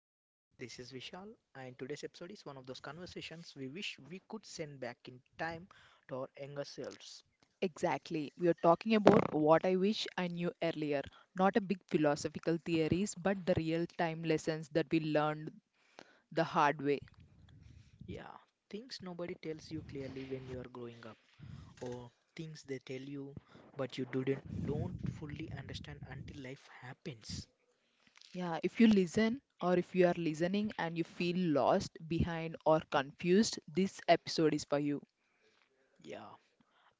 hi everyone, this is Vishal, and today's episode is one of those conversations we wish we could send back in time to our younger selves. Exactly, we are talking about what I wish I knew earlier. Not a big philosophical theories, but the real time lessons that we learned the hard way. Yeah, things nobody tells you clearly when you are growing up, or things they tell you but you didn't don't fully understand until life happens. Yeah, if you listen or if you are listening and you feel lost, behind, or confused, this episode is for you. Yeah,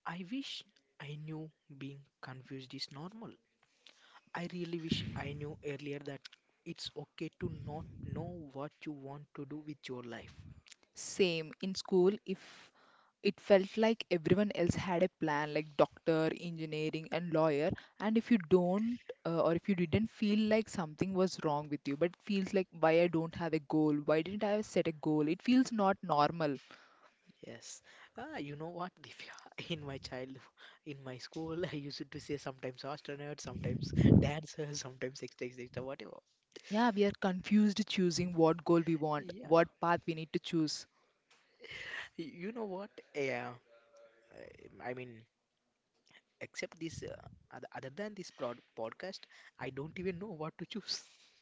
I wish I knew being confused is normal. I really wish I knew earlier that it's okay to not know what you want to do with your life. Same in school, if it felt like everyone else had a plan, like doctor, engineering, and lawyer, and if you don't or if you didn't feel like something was wrong with you, but feels like why I don't have a goal, why didn't I set a goal? It feels not normal. Yes. You know what, Divya? In my childhood, in my school, I used to say sometimes astronaut, sometimes dancer, sometimes etc. etc. whatever. Yeah, we are confused choosing what goal we want, Yeah. what path we need to choose. You know what? Yeah. I mean, except this, other than this prod podcast, I don't even know what to choose.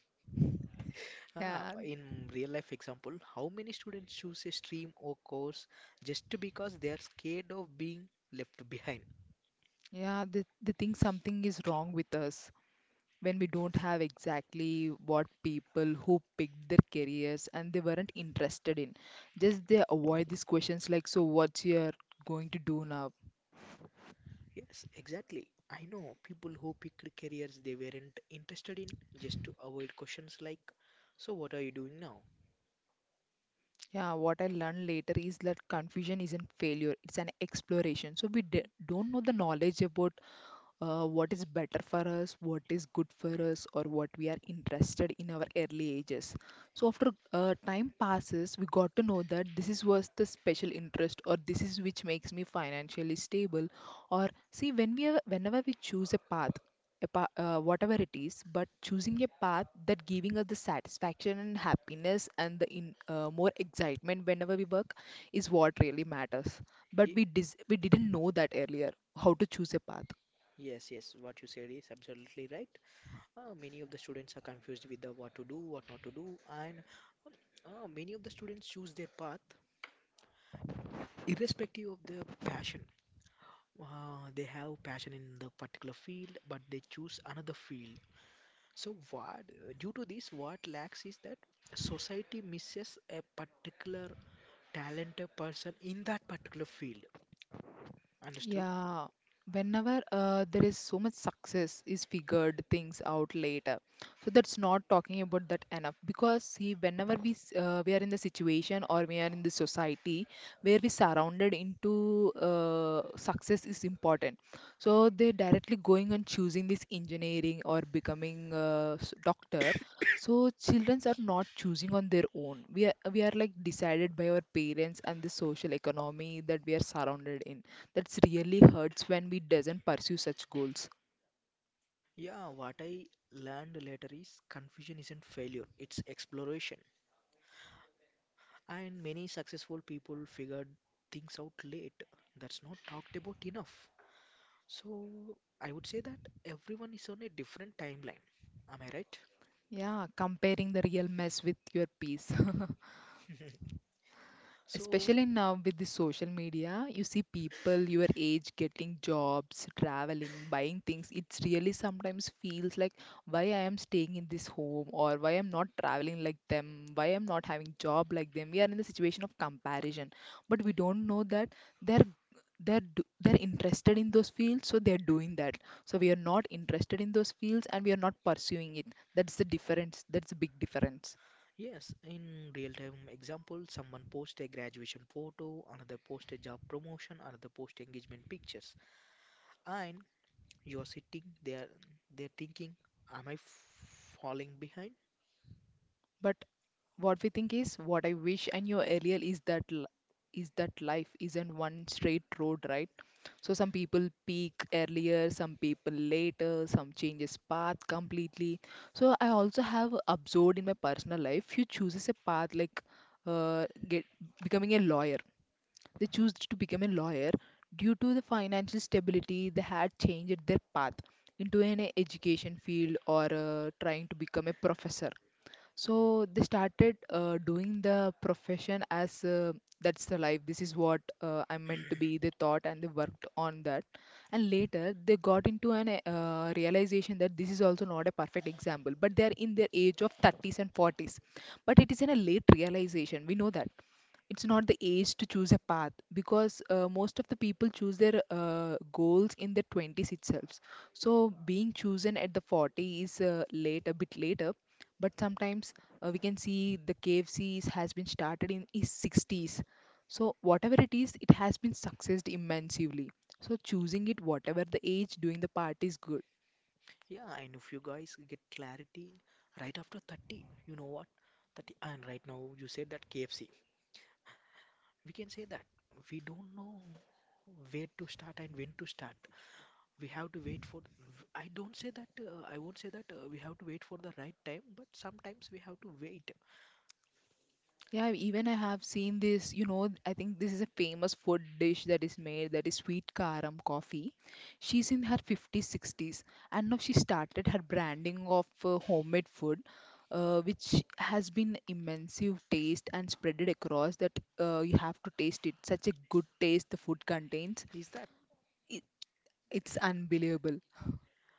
Yeah, In real life example, how many students choose a stream or course just because they are scared of being left behind? yeah, they think something is wrong with us. When we don't have exactly what people who picked their careers and they weren't interested in, just they avoid these questions like, so what's your going to do now? Yes, exactly. I know people who picked careers they weren't interested in just to avoid questions like, so, what are you doing now? Yeah, what I learned later is that confusion isn't failure, it's an exploration. So don't know the knowledge about what is better for us, what is good for us, or what we are interested in our early ages. So after time passes, we got to know that this is was the special interest, or this is which makes me financially stable. Or see, when we are, whenever we choose a path, whatever it is, but choosing a path that giving us the satisfaction and happiness and the in, more excitement whenever we work is what really matters. But Ye- we didn't know that earlier how to choose a path. Yes, yes, what you said is absolutely right. Many of the students are confused with the what to do, what not to do, and many of the students choose their path irrespective of their passion. Uh, they have passion in the particular field, but they choose another field. So what, due to this, what lacks is that society misses a particular talented person in that particular field. Understood? Yeah, whenever there is so much success is figured things out later. So that's not talking about that enough because see, whenever we are in the situation or we are in the society where we surrounded into success is important. So they're directly going and choosing this engineering or becoming a doctor. So childrens are not choosing on their own. We are like decided by our parents and the social economy that we are surrounded in. That's really hurts when we doesn't pursue such goals. Yeah, what I learned later is confusion isn't failure, it's exploration. And many successful people figured things out late. That's not talked about enough. So I would say that everyone is on a different timeline. Am I right? Yeah, comparing the real mess with your peace. So, Especially now with the social media, you see people your age getting jobs, traveling, buying things. It's really sometimes feels like why I am staying in this home or why I'm not traveling like them, why I'm not having job like them. We are in the situation of comparison, but we don't know that they're they're interested in those fields, so they're doing that. So we are not interested in those fields and we are not pursuing it. That's the difference. That's a big difference. yes, in real time example, someone post a graduation photo, another post a job promotion, another post engagement pictures, and you're sitting there, they're thinking, am I falling behind? But what we think is what I wish and your earlier is that is that life isn't one straight road, right? So some people peak earlier, some people later, some changes path completely. So I also have observed in my personal life, you chooses a path like get becoming a lawyer. They choose to become a lawyer due to the financial stability they had changed their path into an education field, or trying to become a professor. So they started doing the profession as that's the life. This is what I'm meant to be. They thought and they worked on that. And later they got into an realization that this is also not a perfect example. But they are in their age of 30s and 40s. But it is in a late realization. We know that it's not the age to choose a path because most of the people choose their goals in their 20s itself. So being chosen at the 40 is late, a bit later. But sometimes we can see the KFCs has been started in his 60s. So whatever it is, it has been successed immensely. So choosing it whatever the age, doing the part is good. Yeah, and if you guys get clarity right after 30, you know what? 30. And right now you said that KFC. We can say that we don't know where to start and when to start. We have to wait for, I won't say that, we have to wait for the right time, but sometimes we have to wait. Yeah, even I have seen this, you know, I think this is a famous food dish that is made, that is Sweet Karam Coffee. She's in her 50s, 60s, and now she started her branding of homemade food, which has been immense taste and spreaded across, that you have to taste it. Such a good taste the food contains. Is that? It, it's unbelievable.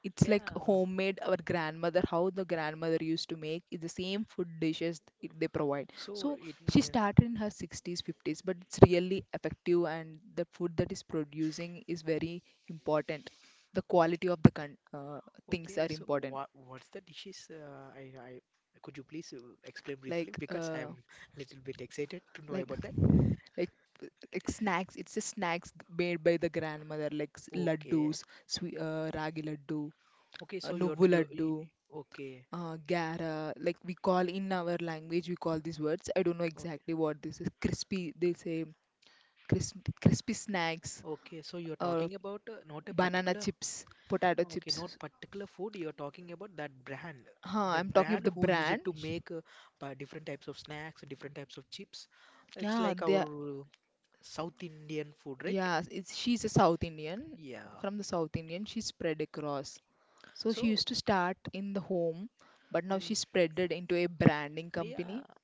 It's like Yeah. homemade, our grandmother, how the grandmother used to make is the same food dishes they provide. So So she started in her 60s, 50s, but it's really effective and the food that is producing is very important. The quality of the things okay, are so important. what's the dishes, I, could you please explain briefly Like because I'm a little bit excited to know like about that. like like snacks, it's a snacks made by the grandmother, like Okay, laddus, swe ragi laddu, okay, so you're nuvvu you. laddu, Okay. Gara, like we call in our language, we call these words. I don't know Okay. exactly what this is. Crispy, they say. Crisp, crispy snacks, Okay, so you're uh, talking about, not a banana particular. chips, potato Okay, chips. not particular food, you're talking about that brand. Huh, I'm That talking of brand the who used brand. to make, different types of snacks, different types of chips. It's Yeah, like they are, our, South Indian food, right? yeah, it's she's a South Indian. Yeah. From the South Indian, she spread across. So she So, used to start in the home, but now mm, she spread it into a branding company. yeah,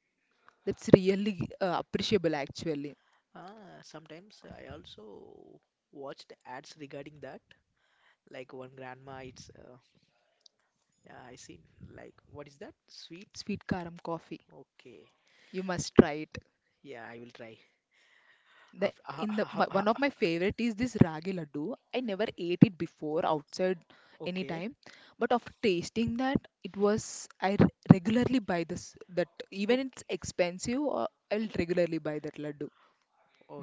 That's really appreciable, actually. uh, sometimes I also watched ads regarding that. Like one grandma it's, yeah, I see. Like, what is that? Sweet? Sweet Karam Coffee. Okay. You must try it. Yeah, I will try. The After, in the my, one of my favorite is this ragi laddu. I never ate it before outside any okay, time, but after tasting that, it was, regularly buy this. That, even okay, it's expensive, I'll regularly buy that laddu.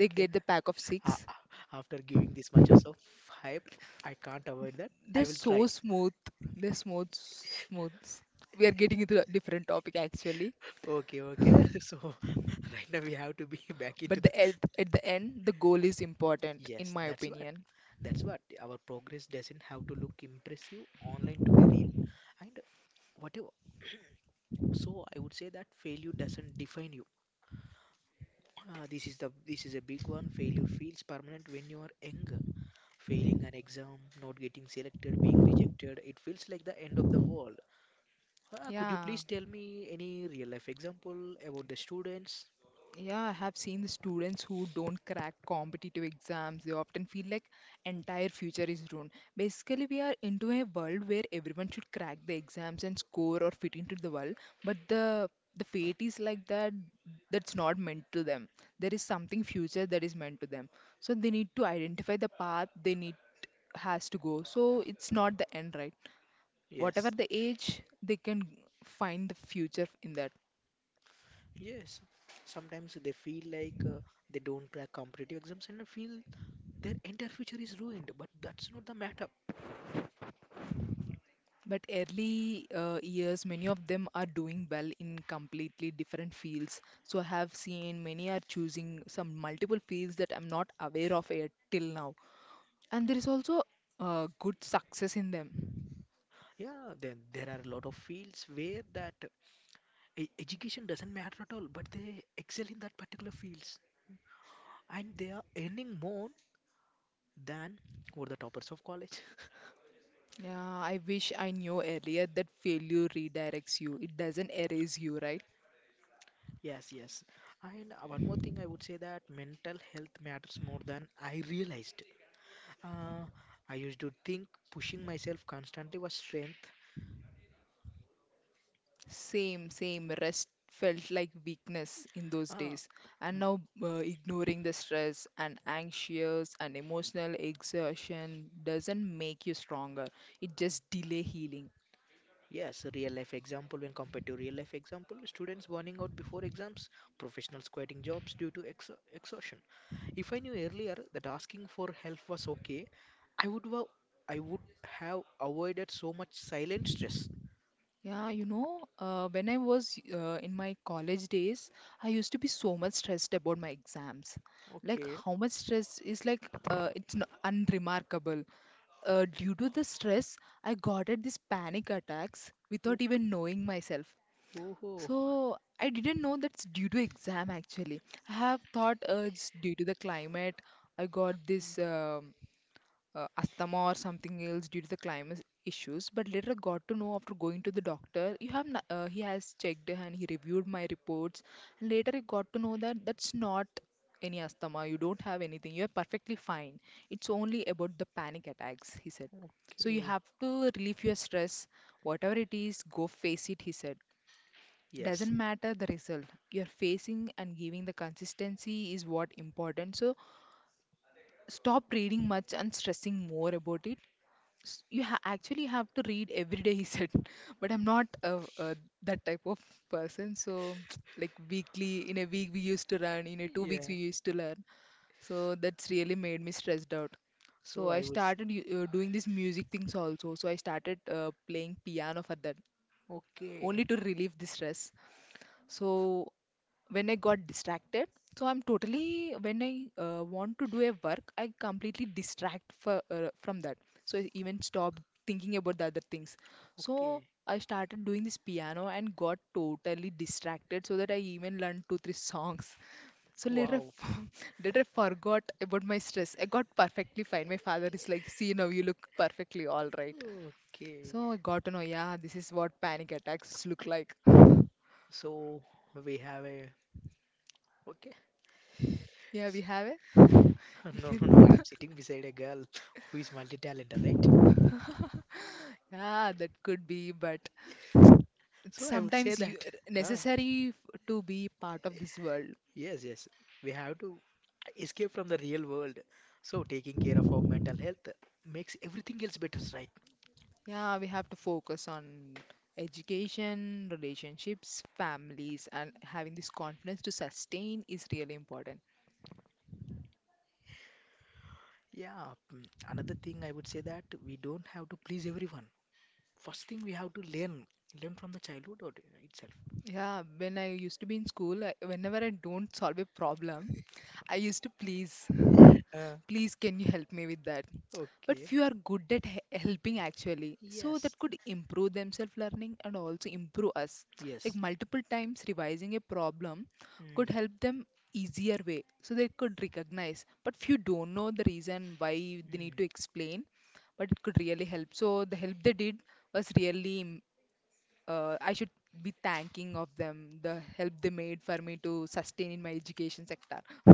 They get the pack of Uh, 6. uh, after giving this much of hype, I can't avoid that. I They're will so try. smooth. They're smooth. We are getting into a different topic actually. Okay, okay. So right now we have to be back into But the the. At the end the goal is important in Yes, my that's what. opinion. That's what. Our progress doesn't have to look impressive online to be real. And whatever. So I would say that failure doesn't define you. This is a big one. Failure feels permanent when you are young. Failing an exam, not getting selected, being rejected, it feels like the end of the world. Could you Yeah. please tell me any real life example about the students? Yeah, I have seen the students who don't crack competitive exams. They often feel like entire future is ruined. Basically, we are into a world where everyone should crack the exams and score or fit into the world, but the fate is like that, that's not meant to them. There is something future that is meant to them. So they need to identify the path they need has to go. So it's not the end, right? Whatever Yes, the age, they can find the future in that. yes. Sometimes they feel like, they don't crack competitive exams and feel their entire future is ruined. But that's not the matter. But early years, many of them are doing well in completely different fields. So I have seen many are choosing some multiple fields that I'm not aware of yet till now. And there is also good success in them. Yeah, then there are a lot of fields where that, education doesn't matter at all, but they excel in that particular fields and they are earning more than were the toppers of college. Yeah, I wish I knew earlier that failure redirects you. It doesn't erase you, right? Yes, yes. And, one more thing I would say that mental health matters more than I realized. Uh, I used to think pushing myself constantly was strength. Same, same. Rest felt like weakness in those Uh, days. And now, ignoring the stress and anxious and emotional exertion doesn't make you stronger. It just delay healing. yes, real life example when compared to real life example, students burning out before exams, professionals quitting jobs due to ex exhaustion. If I knew earlier that asking for help was okay, I would wa- I would have avoided so much silent stress. Yeah, you know, when I was in my college days, I used to be so much stressed about my exams. Like Okay. how much stress is like it's n unremarkable. Due to the stress, I got at these panic attacks without even knowing myself. Oh, oh, So I didn't know that's due to exam actually. I have thought it's due to the climate. I got mm, this asthma or something else due to the climate issues. But later I got to know after going to the doctor, you have he has checked and he reviewed my reports. And later I got to know that that's not any asthma. You don't have anything. You are perfectly fine. It's only about the panic attacks, he said. So you okay. have to relieve your stress, whatever it is, go face it, he said. Yes. Doesn't matter the result, you're facing and giving the consistency is what important. So stop reading much and stressing more about it. Actually have to read every day he said, but I'm not that type of person. So like weekly in a week we used to run, in a 2 weeks we Yeah. used to learn. So that's really made me stressed out. So So i I would. Started u- uh, doing these music things also. So I started playing piano for that, only Okay. to relieve the stress. So when I got distracted, so I'm totally when I want to do a work, I completely distract from that. So I even stop thinking about the other things. So Okay. I started doing this piano and got totally distracted so that I even learned two three songs. So later I Wow. f- later I forgot about my stress. I got perfectly fine. My father is like, see now you look perfectly all right. Okay. So I got to know, yeah, this is what panic attacks look like. So we have a. Okay. Yeah, we have a. No, no, no. I'm sitting beside a girl who is multi-talented, right? Yeah, that could be, but it's So I would say sometimes you that. Ah, necessary to be part of this world. yes, yes. We have to escape from the real world. So taking care of our mental health makes everything else better, right? Yeah, we have to focus on education, relationships, families, and having this confidence to sustain is really important. Yeah. Another thing I would say that we don't have to please everyone. First thing we have to learn from the childhood or itself. Yeah, when I used to be in school, I, whenever I don't solve a problem, I used to please, Uh, please can you help me with that? But Okay. few are good at he helping actually, so Yes. that could improve themselves learning and also improve us. Like Yes. multiple times revising a problem could Mm. help them easier way, so they could recognize. But few don't know the reason why they need to Mm. explain, but it could really help. So the help they did was really I should be thanking of them the help they made for me to sustain in my education sector.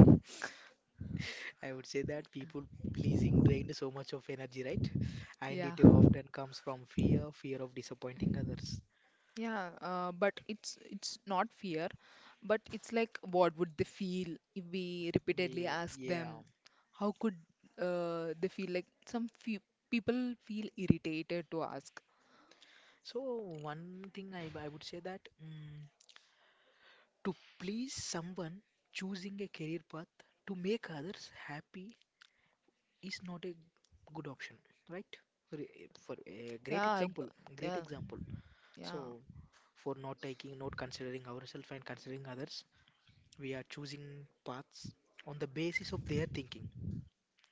I would say that people pleasing drained so much of energy, right? And Yeah. it often comes from fear, fear of disappointing others. Yeah, but it's not fear, but it's like what would they feel if we repeatedly Yeah, ask yeah. them? How could they feel like some few people feel irritated to ask? So one thing I would say that, to please someone, choosing a career path to make others happy is not a good option, right? For a great Yeah, I, example, great yeah, example. So yeah, for not taking, not considering ourselves and considering others, we are choosing paths on the basis of their thinking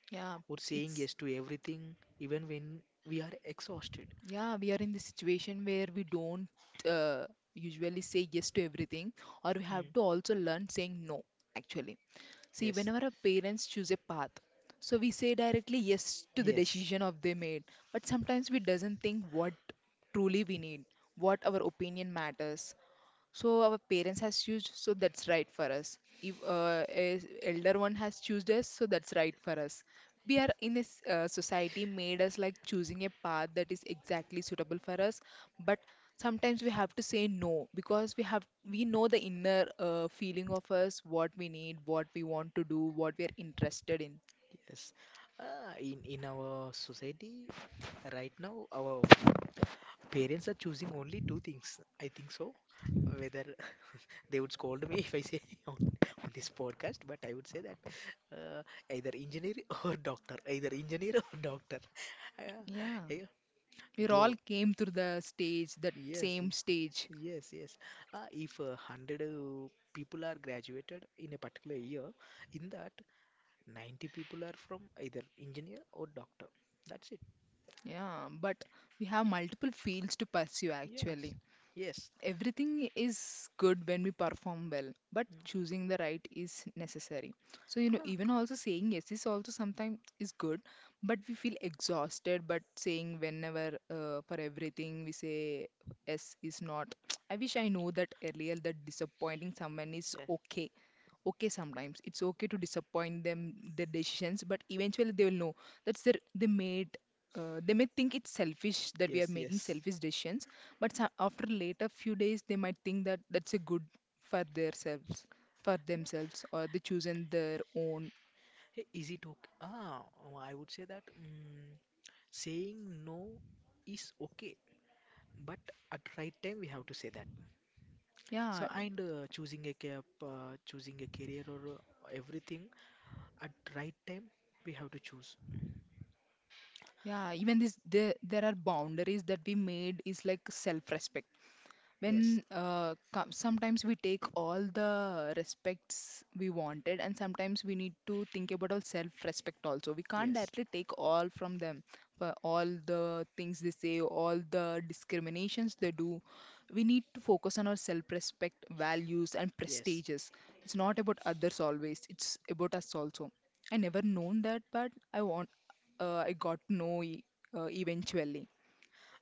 yeah. or saying It's yes to everything, even when we are exhausted. yeah, we are in the situation where we don't uh, usually say yes to everything, or we have Mm, to also learn saying no, actually. See, yes, whenever our parents choose a path, so we say directly yes to the yes. decision of they made, but sometimes we doesn't think what truly we need, what our opinion matters, so our parents has choose, so that's right for us. If a elder one has choosed us, so that's right for us. We are in this society made us like choosing a path that is exactly suitable for us, but sometimes we have to say no because we know the inner feeling of us, what we need, what we want to do, what we are interested in. Yes. In our society right now, our parents are choosing only two things. I think so. Whether they would scold me if I say on, on this podcast, but I would say that, uh, either engineer or doctor, either engineer or doctor. Uh, Yeah. yeah. We all Though, came through the stage, that yes, same yes, stage, yes. Yes. If hundred, people are graduated in a particular year, in that 90 people are from either engineer or doctor. That's it. yeah. But we have multiple fields to pursue actually. Yes. Yes. Everything is good when we perform well, but choosing the right is necessary, so you know even also saying yes is also sometimes is good, but we feel exhausted, but saying whenever for everything we say yes is not. I wish I know that earlier, that disappointing someone is Yeah. okay. Okay, sometimes it's okay to disappoint them their decisions, but eventually they will know that's their they made. They may think it's selfish that we are Yes, making yes. selfish decisions, but after later few days they might think that that's a good for themselves, for themselves, or they chosen their own. Hey, is it okay? Oh, I would say that, saying no is okay, but at right time we have to say that. Yeah, So, and, choosing a career or, everything at right time we have to choose. yeah, even this there there are boundaries that we made is like self respect. Yes, When sometimes we take all the respects we wanted and sometimes we need to think about our self respect also, we can't yes, directly take all from them for all the things they say, all the discriminations they do. We need to focus on our self respect values and yes. prestiges. It's not about others always, it's about us also. I never known that, but I want I got to know eventually.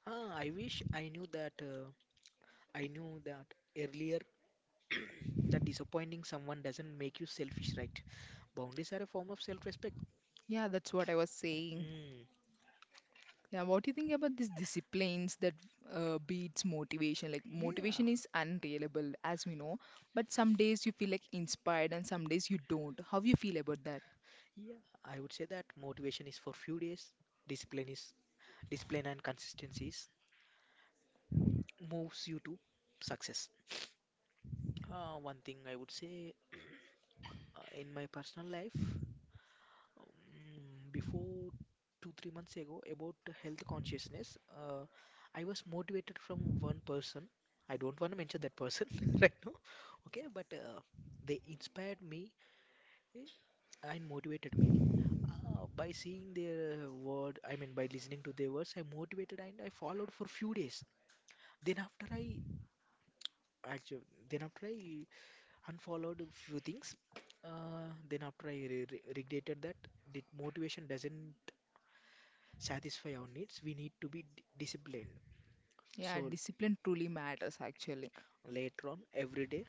I wish I knew that earlier, that disappointing someone doesn't make you selfish, right? Boundaries are a form of self-respect. Yeah, that's what I was saying. Mm, Yeah, what do you think about these disciplines that beats motivation? Like yeah, motivation is unreliable, as we know, but some days you feel like inspired and some days you don't. How you feel about that? yeah. I would say that motivation is for few days, discipline is discipline and consistency is moves you to success. One thing I would say, in my personal life, before 2, 3 months ago about health consciousness, I was motivated from one person. I don't want to mention that person right now, okay? But, they inspired me, eh, and motivated me, by seeing their, word. I mean, by listening to their words, I motivated and I followed for few days. Then after I actually, then after I unfollowed a few things, then after I regretted that. The motivation doesn't satisfy our needs, we need to be disciplined. Yeah, So discipline truly matters actually. later on, every day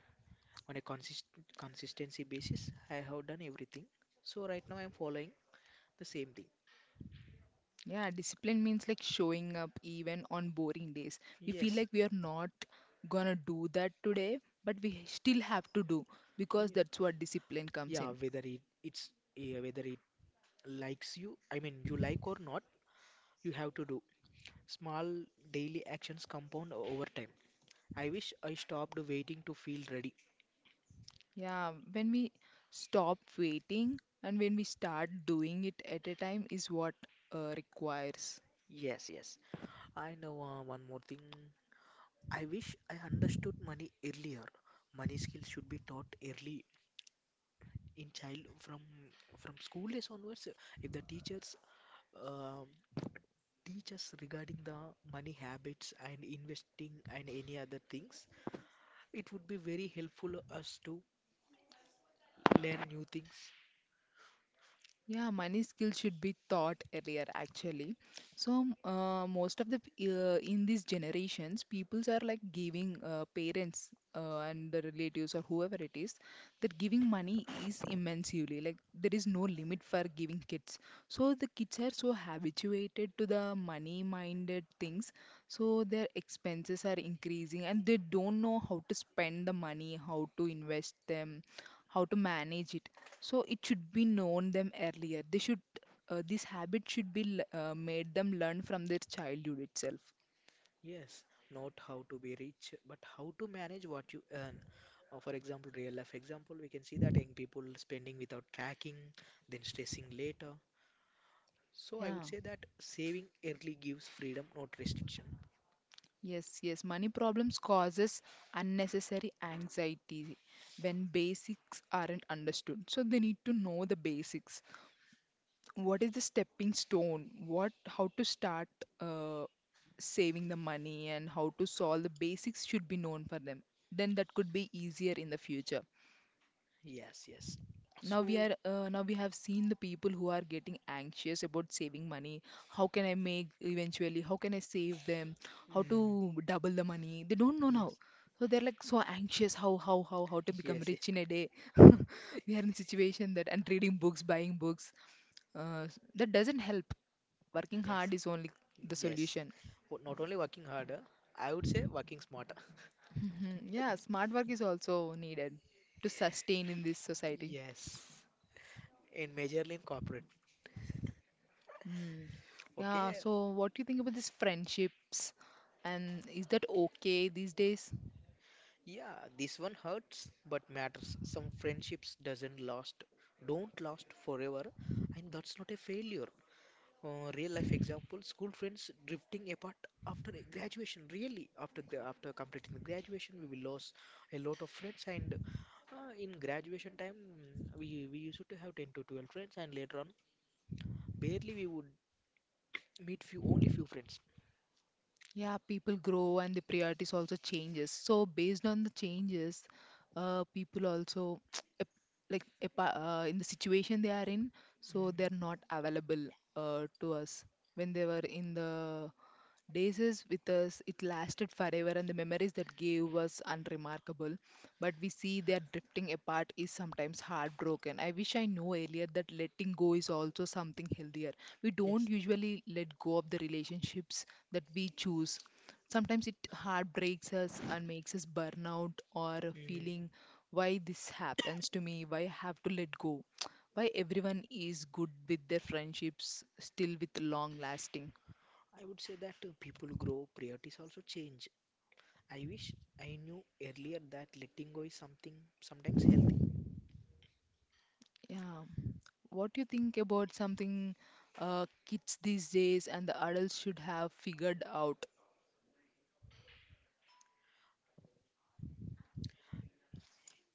on a consistency basis, I have done everything. So right now, I'm following the same thing. Yeah, discipline means like showing up even on boring days. We feel Yes. like we are not gonna do that today, but we still have to do because Yeah, that's what discipline comes yeah, in. Whether it likes you, I mean you like or not, you have to do. Small daily actions compound over time. I wish I stopped waiting to feel ready. Yeah, when we stop waiting and when we start doing it at a time is what requires. Yes, yes. I know, one more thing. I wish I understood money earlier. Money skills should be taught early in child from school days onwards. If the teachers, um teach us regarding the money habits and investing and any other things, it would be very helpful us to learn new things. Yeah, money skills should be taught earlier, actually. So, most of the in these generations, peoples are like giving parents and the relatives or whoever it is that giving money is immensely like there is no limit for giving kids. So the kids are so habituated to the money-minded things, so their expenses are increasing and they don't know how to spend the money, how to invest them, how to manage it, so it should be known them earlier. They should this habit should be made them learn from their childhood itself. Yes, not how to be rich, but how to manage what you earn. For example, real life example, we can see that young people spending without tracking, then stressing later. So I would Yeah. say that saving early gives freedom, not restriction. Yes, yes. Money problems causes unnecessary anxiety when basics aren't understood. So they need to know the basics. What is the stepping stone, what how to start uh, saving the money, and how to solve the basics should be known for them. Then that could be easier in the future. Yes, yes. Now we So, are now we have seen the people who are getting anxious about saving money, how can I make, eventually how can I save them, how to mm, double the money, they don't know now. yes, So they're like so anxious, how to become yes, yes, rich in a day. We are in a situation that, and reading books, buying books, uh, that doesn't help. Working yes, hard is only the yes. solution. Not only working harder, I would say working smarter. Mhm. Yeah, smart work is also needed to sustain in this society. Yes, and majorly in corporate. Mm. Yeah, Okay, so what do you think about these friendships? And is that okay these days? yeah, this one hurts but matters. Some friendships doesn't last, don't last forever, and that's not a failure. Real life example, school friends drifting apart after graduation. Really, after completing the graduation, we will lose a lot of friends and, in graduation time, we used to have 10 to 12 friends and later on barely we would meet few only few friends. Yeah, people grow and the priorities also changes. So based on the changes, people also ap- like in the situation they are in, so Mm, they're not available to us when they were in the days is with us, it lasted forever, and the memories that gave was unremarkable. But we see they are drifting apart is sometimes heartbroken. I wish I knew earlier that letting go is also something healthier. We don't yes. usually let go of the relationships that we choose. Sometimes it heartbreaks us and makes us burn out, or Mm. feeling why this happens to me, why I have to let go. Why everyone is good with their friendships, still with long lasting. I would say that, people grow, priorities also change. I wish I knew earlier that letting go is something sometimes healthy. Yeah. What do you think about something kids these days and the adults should have figured out?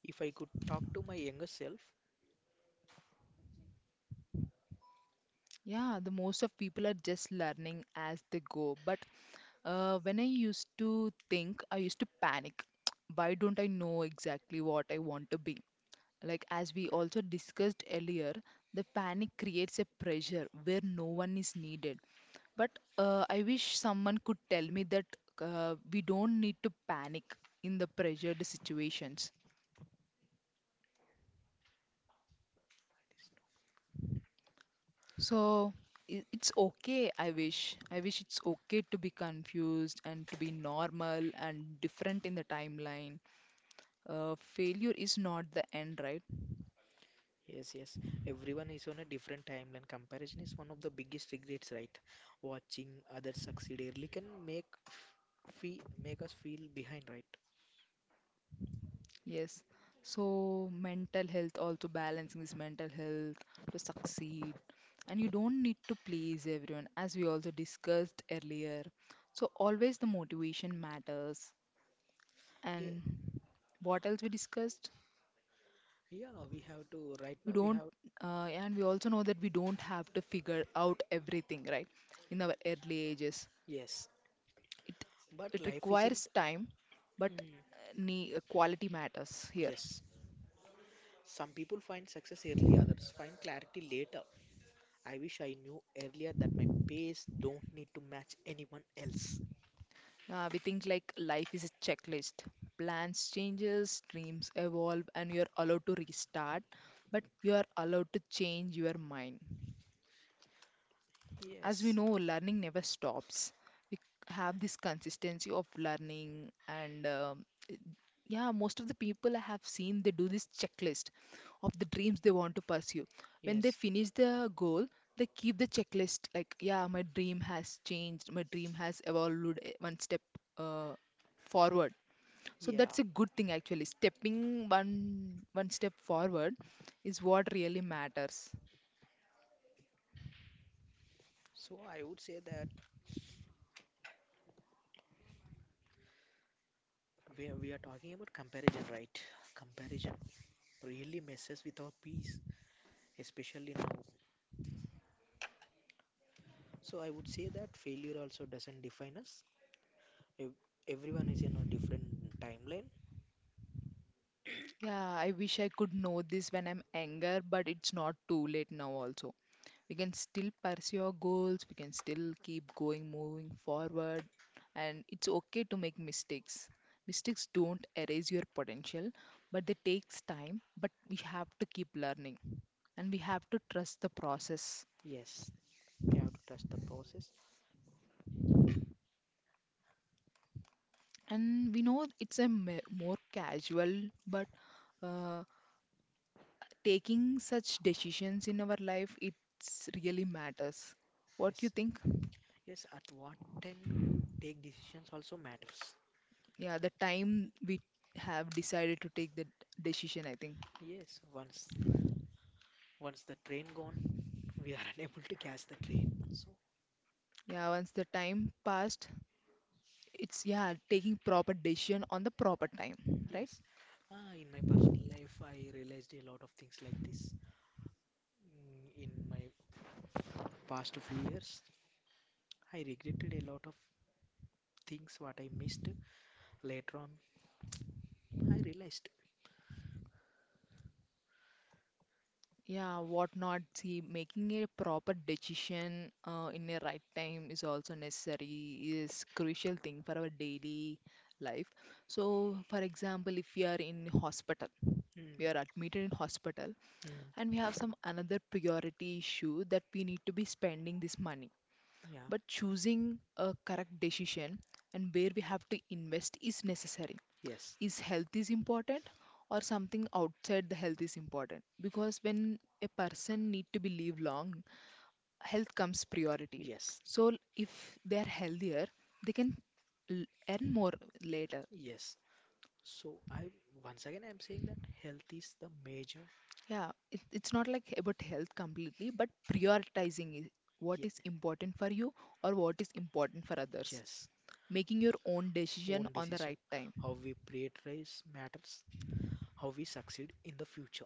If I could talk to my younger self, Yeah, the most of people are just learning as they go. But when I used to think, I used to panic. Why don't I know exactly what I want to be? Like, as we also discussed earlier, the panic creates a pressure where no one is needed. But I wish someone could tell me that we don't need to panic in the pressured situations. So it's okay, I wish. I wish it's okay to be confused and to be normal and different in the timeline. Failure is not the end, right? yes, yes, everyone is on a different timeline. Comparison is one of the biggest regrets, right? Watching others succeed early can make us feel behind, right? Yes. So mental health, also balancing this mental health to succeed. And you don't need to please everyone, as we also discussed earlier. So always the motivation matters. Yeah, And what else we discussed? yeah, we have to right We now, we don't have. And we also know that we don't have to figure out everything right in our early ages. Yes. it But it life requires isn't. time, but Mm, quality matters here. yes. Some people find success early, others find clarity later. I wish I knew earlier that my pace don't need to match anyone else. Uh, we think like life is a checklist, plans changes, dreams evolve, and you're allowed to restart, but you are allowed to change your mind. As we Yes, know, learning never stops. We have this consistency of learning, and yeah, most of the people I have seen they do this checklist of the dreams they want to pursue. When they yes, finish the goal, they keep the checklist like, yeah, my dream has changed, my dream has evolved, one step uh, forward. So that's yeah. a good thing actually, stepping one step forward is what really matters. So I would say that, we are talking about comparison, right? Comparison really messes with our peace, especially now. So I would say that failure also doesn't define us. Ev- Everyone is in a different timeline. Yeah, I wish I could know this when I'm younger, but it's not too late now also. We can still pursue our goals, we can still keep going, moving forward, and it's okay to make mistakes. Mistakes don't erase your potential, but they takes time, but we have to keep learning and we have to trust the process. Yes, you have to trust the process. And we know it's a more casual, but uh, taking such decisions in our life, it's really matters. What do you Yes. think? Yes, at what time you take decisions also matters. Yeah, the time we have decided to take the decision, I think. Yes, once the train gone, we are unable to catch the train. So Yeah, once the time passed, it's yeah, taking proper decision on the proper time, right? yes, in my personal life, I realized a lot of things like this. In my past few years, I regretted a lot of things what I missed. Later on, I realized. Yeah, what not see making a proper decision in a right time is also necessary, is crucial thing for our daily life. So for example, if we are in hospital, we Mm, are admitted in hospital, mm, and we have some another priority issue that we need to be spending this money, yeah. but choosing a correct decision and where we have to invest is necessary. Yes. Is health is important or something outside the health is important, because when a person need to be live long, health comes priority. Yes, So if they are healthier, they can earn more later. yes. So I once again I'm saying that health is the major. Yeah, it, it's not like about health completely, but prioritizing is what Yeah. is important for you or what is important for others, Yes, making your own decision own on the right decision. time. How we prioritize matters, how we succeed in the future.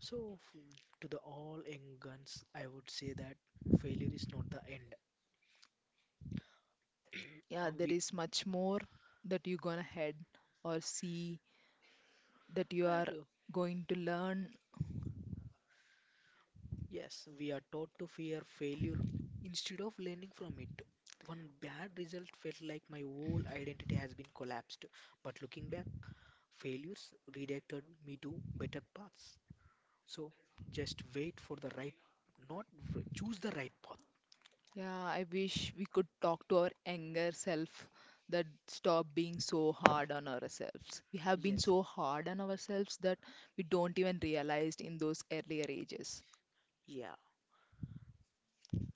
So, to the all young guns, I would say that failure is not the end. Yeah, there We, is much more that you are gonna head or see, that you are and, going to learn. yes, we are taught to fear failure instead of learning from it. One bad result felt like my whole identity has been collapsed. But looking back, failures redirected me to better paths. So, just wait for the right, not choose the right path. Yeah, I wish we could talk to our younger self that stop being so hard on ourselves. We have been so Yes. hard on ourselves that we don't even realize in those earlier ages. Yeah.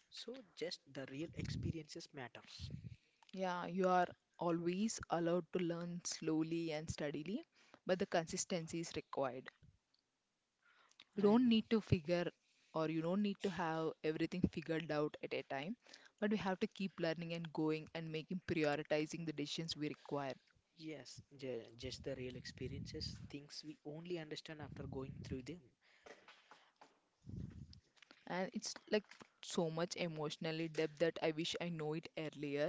So just the real experiences matters. Yeah, you are always allowed to learn slowly and steadily, but the consistency is required. You don't And need to figure, or you don't need to have everything figured out at a time, but we have to keep learning and going and making prioritizing the decisions we require. yes, just the real experiences, things we only understand after going through them. And it's like so much emotionally depth that I wish I know it earlier,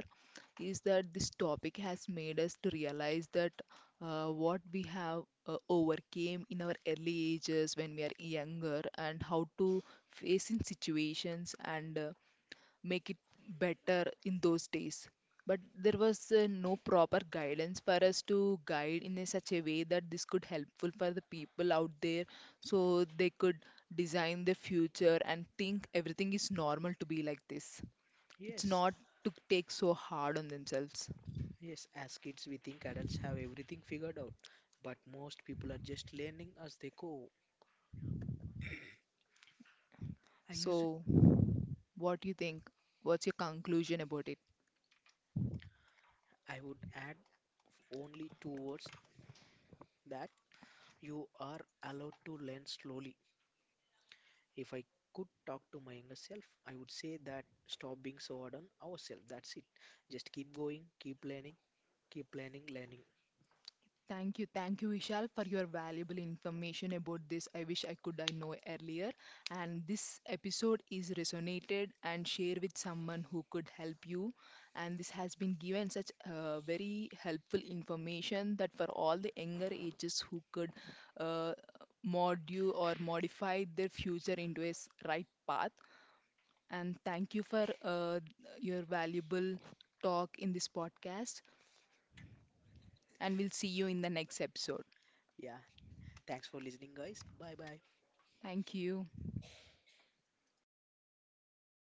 is that this topic has made us to realize that what we have overcame in our early ages when we are younger and how to face in situations and make it better in those days. But there was no proper guidance for us to guide in a such a way that this could helpful for the people out there, so they could design the future and think everything is normal to be like this. It's Yes. not to take so hard on themselves. Yes, as kids we think adults have everything figured out, but most people are just learning as they go. I use it So, what do you think? What's your conclusion about it? I would add only two words that you are allowed to learn slowly. If I could talk to my younger self, I would say that stop being so hard on ourselves. That's it. Just keep going, keep learning, learning. Thank you, Vishal, for your valuable information about this. I wish I could I know earlier. And this episode is resonated and share with someone who could help you. And this has been given such very helpful information that for all the younger ages who could uh, mod you or modify their future into a right path. And thank you for your valuable talk in this podcast. And we'll see you in the next episode. Yeah. Thanks for listening, guys. Bye bye. Thank you.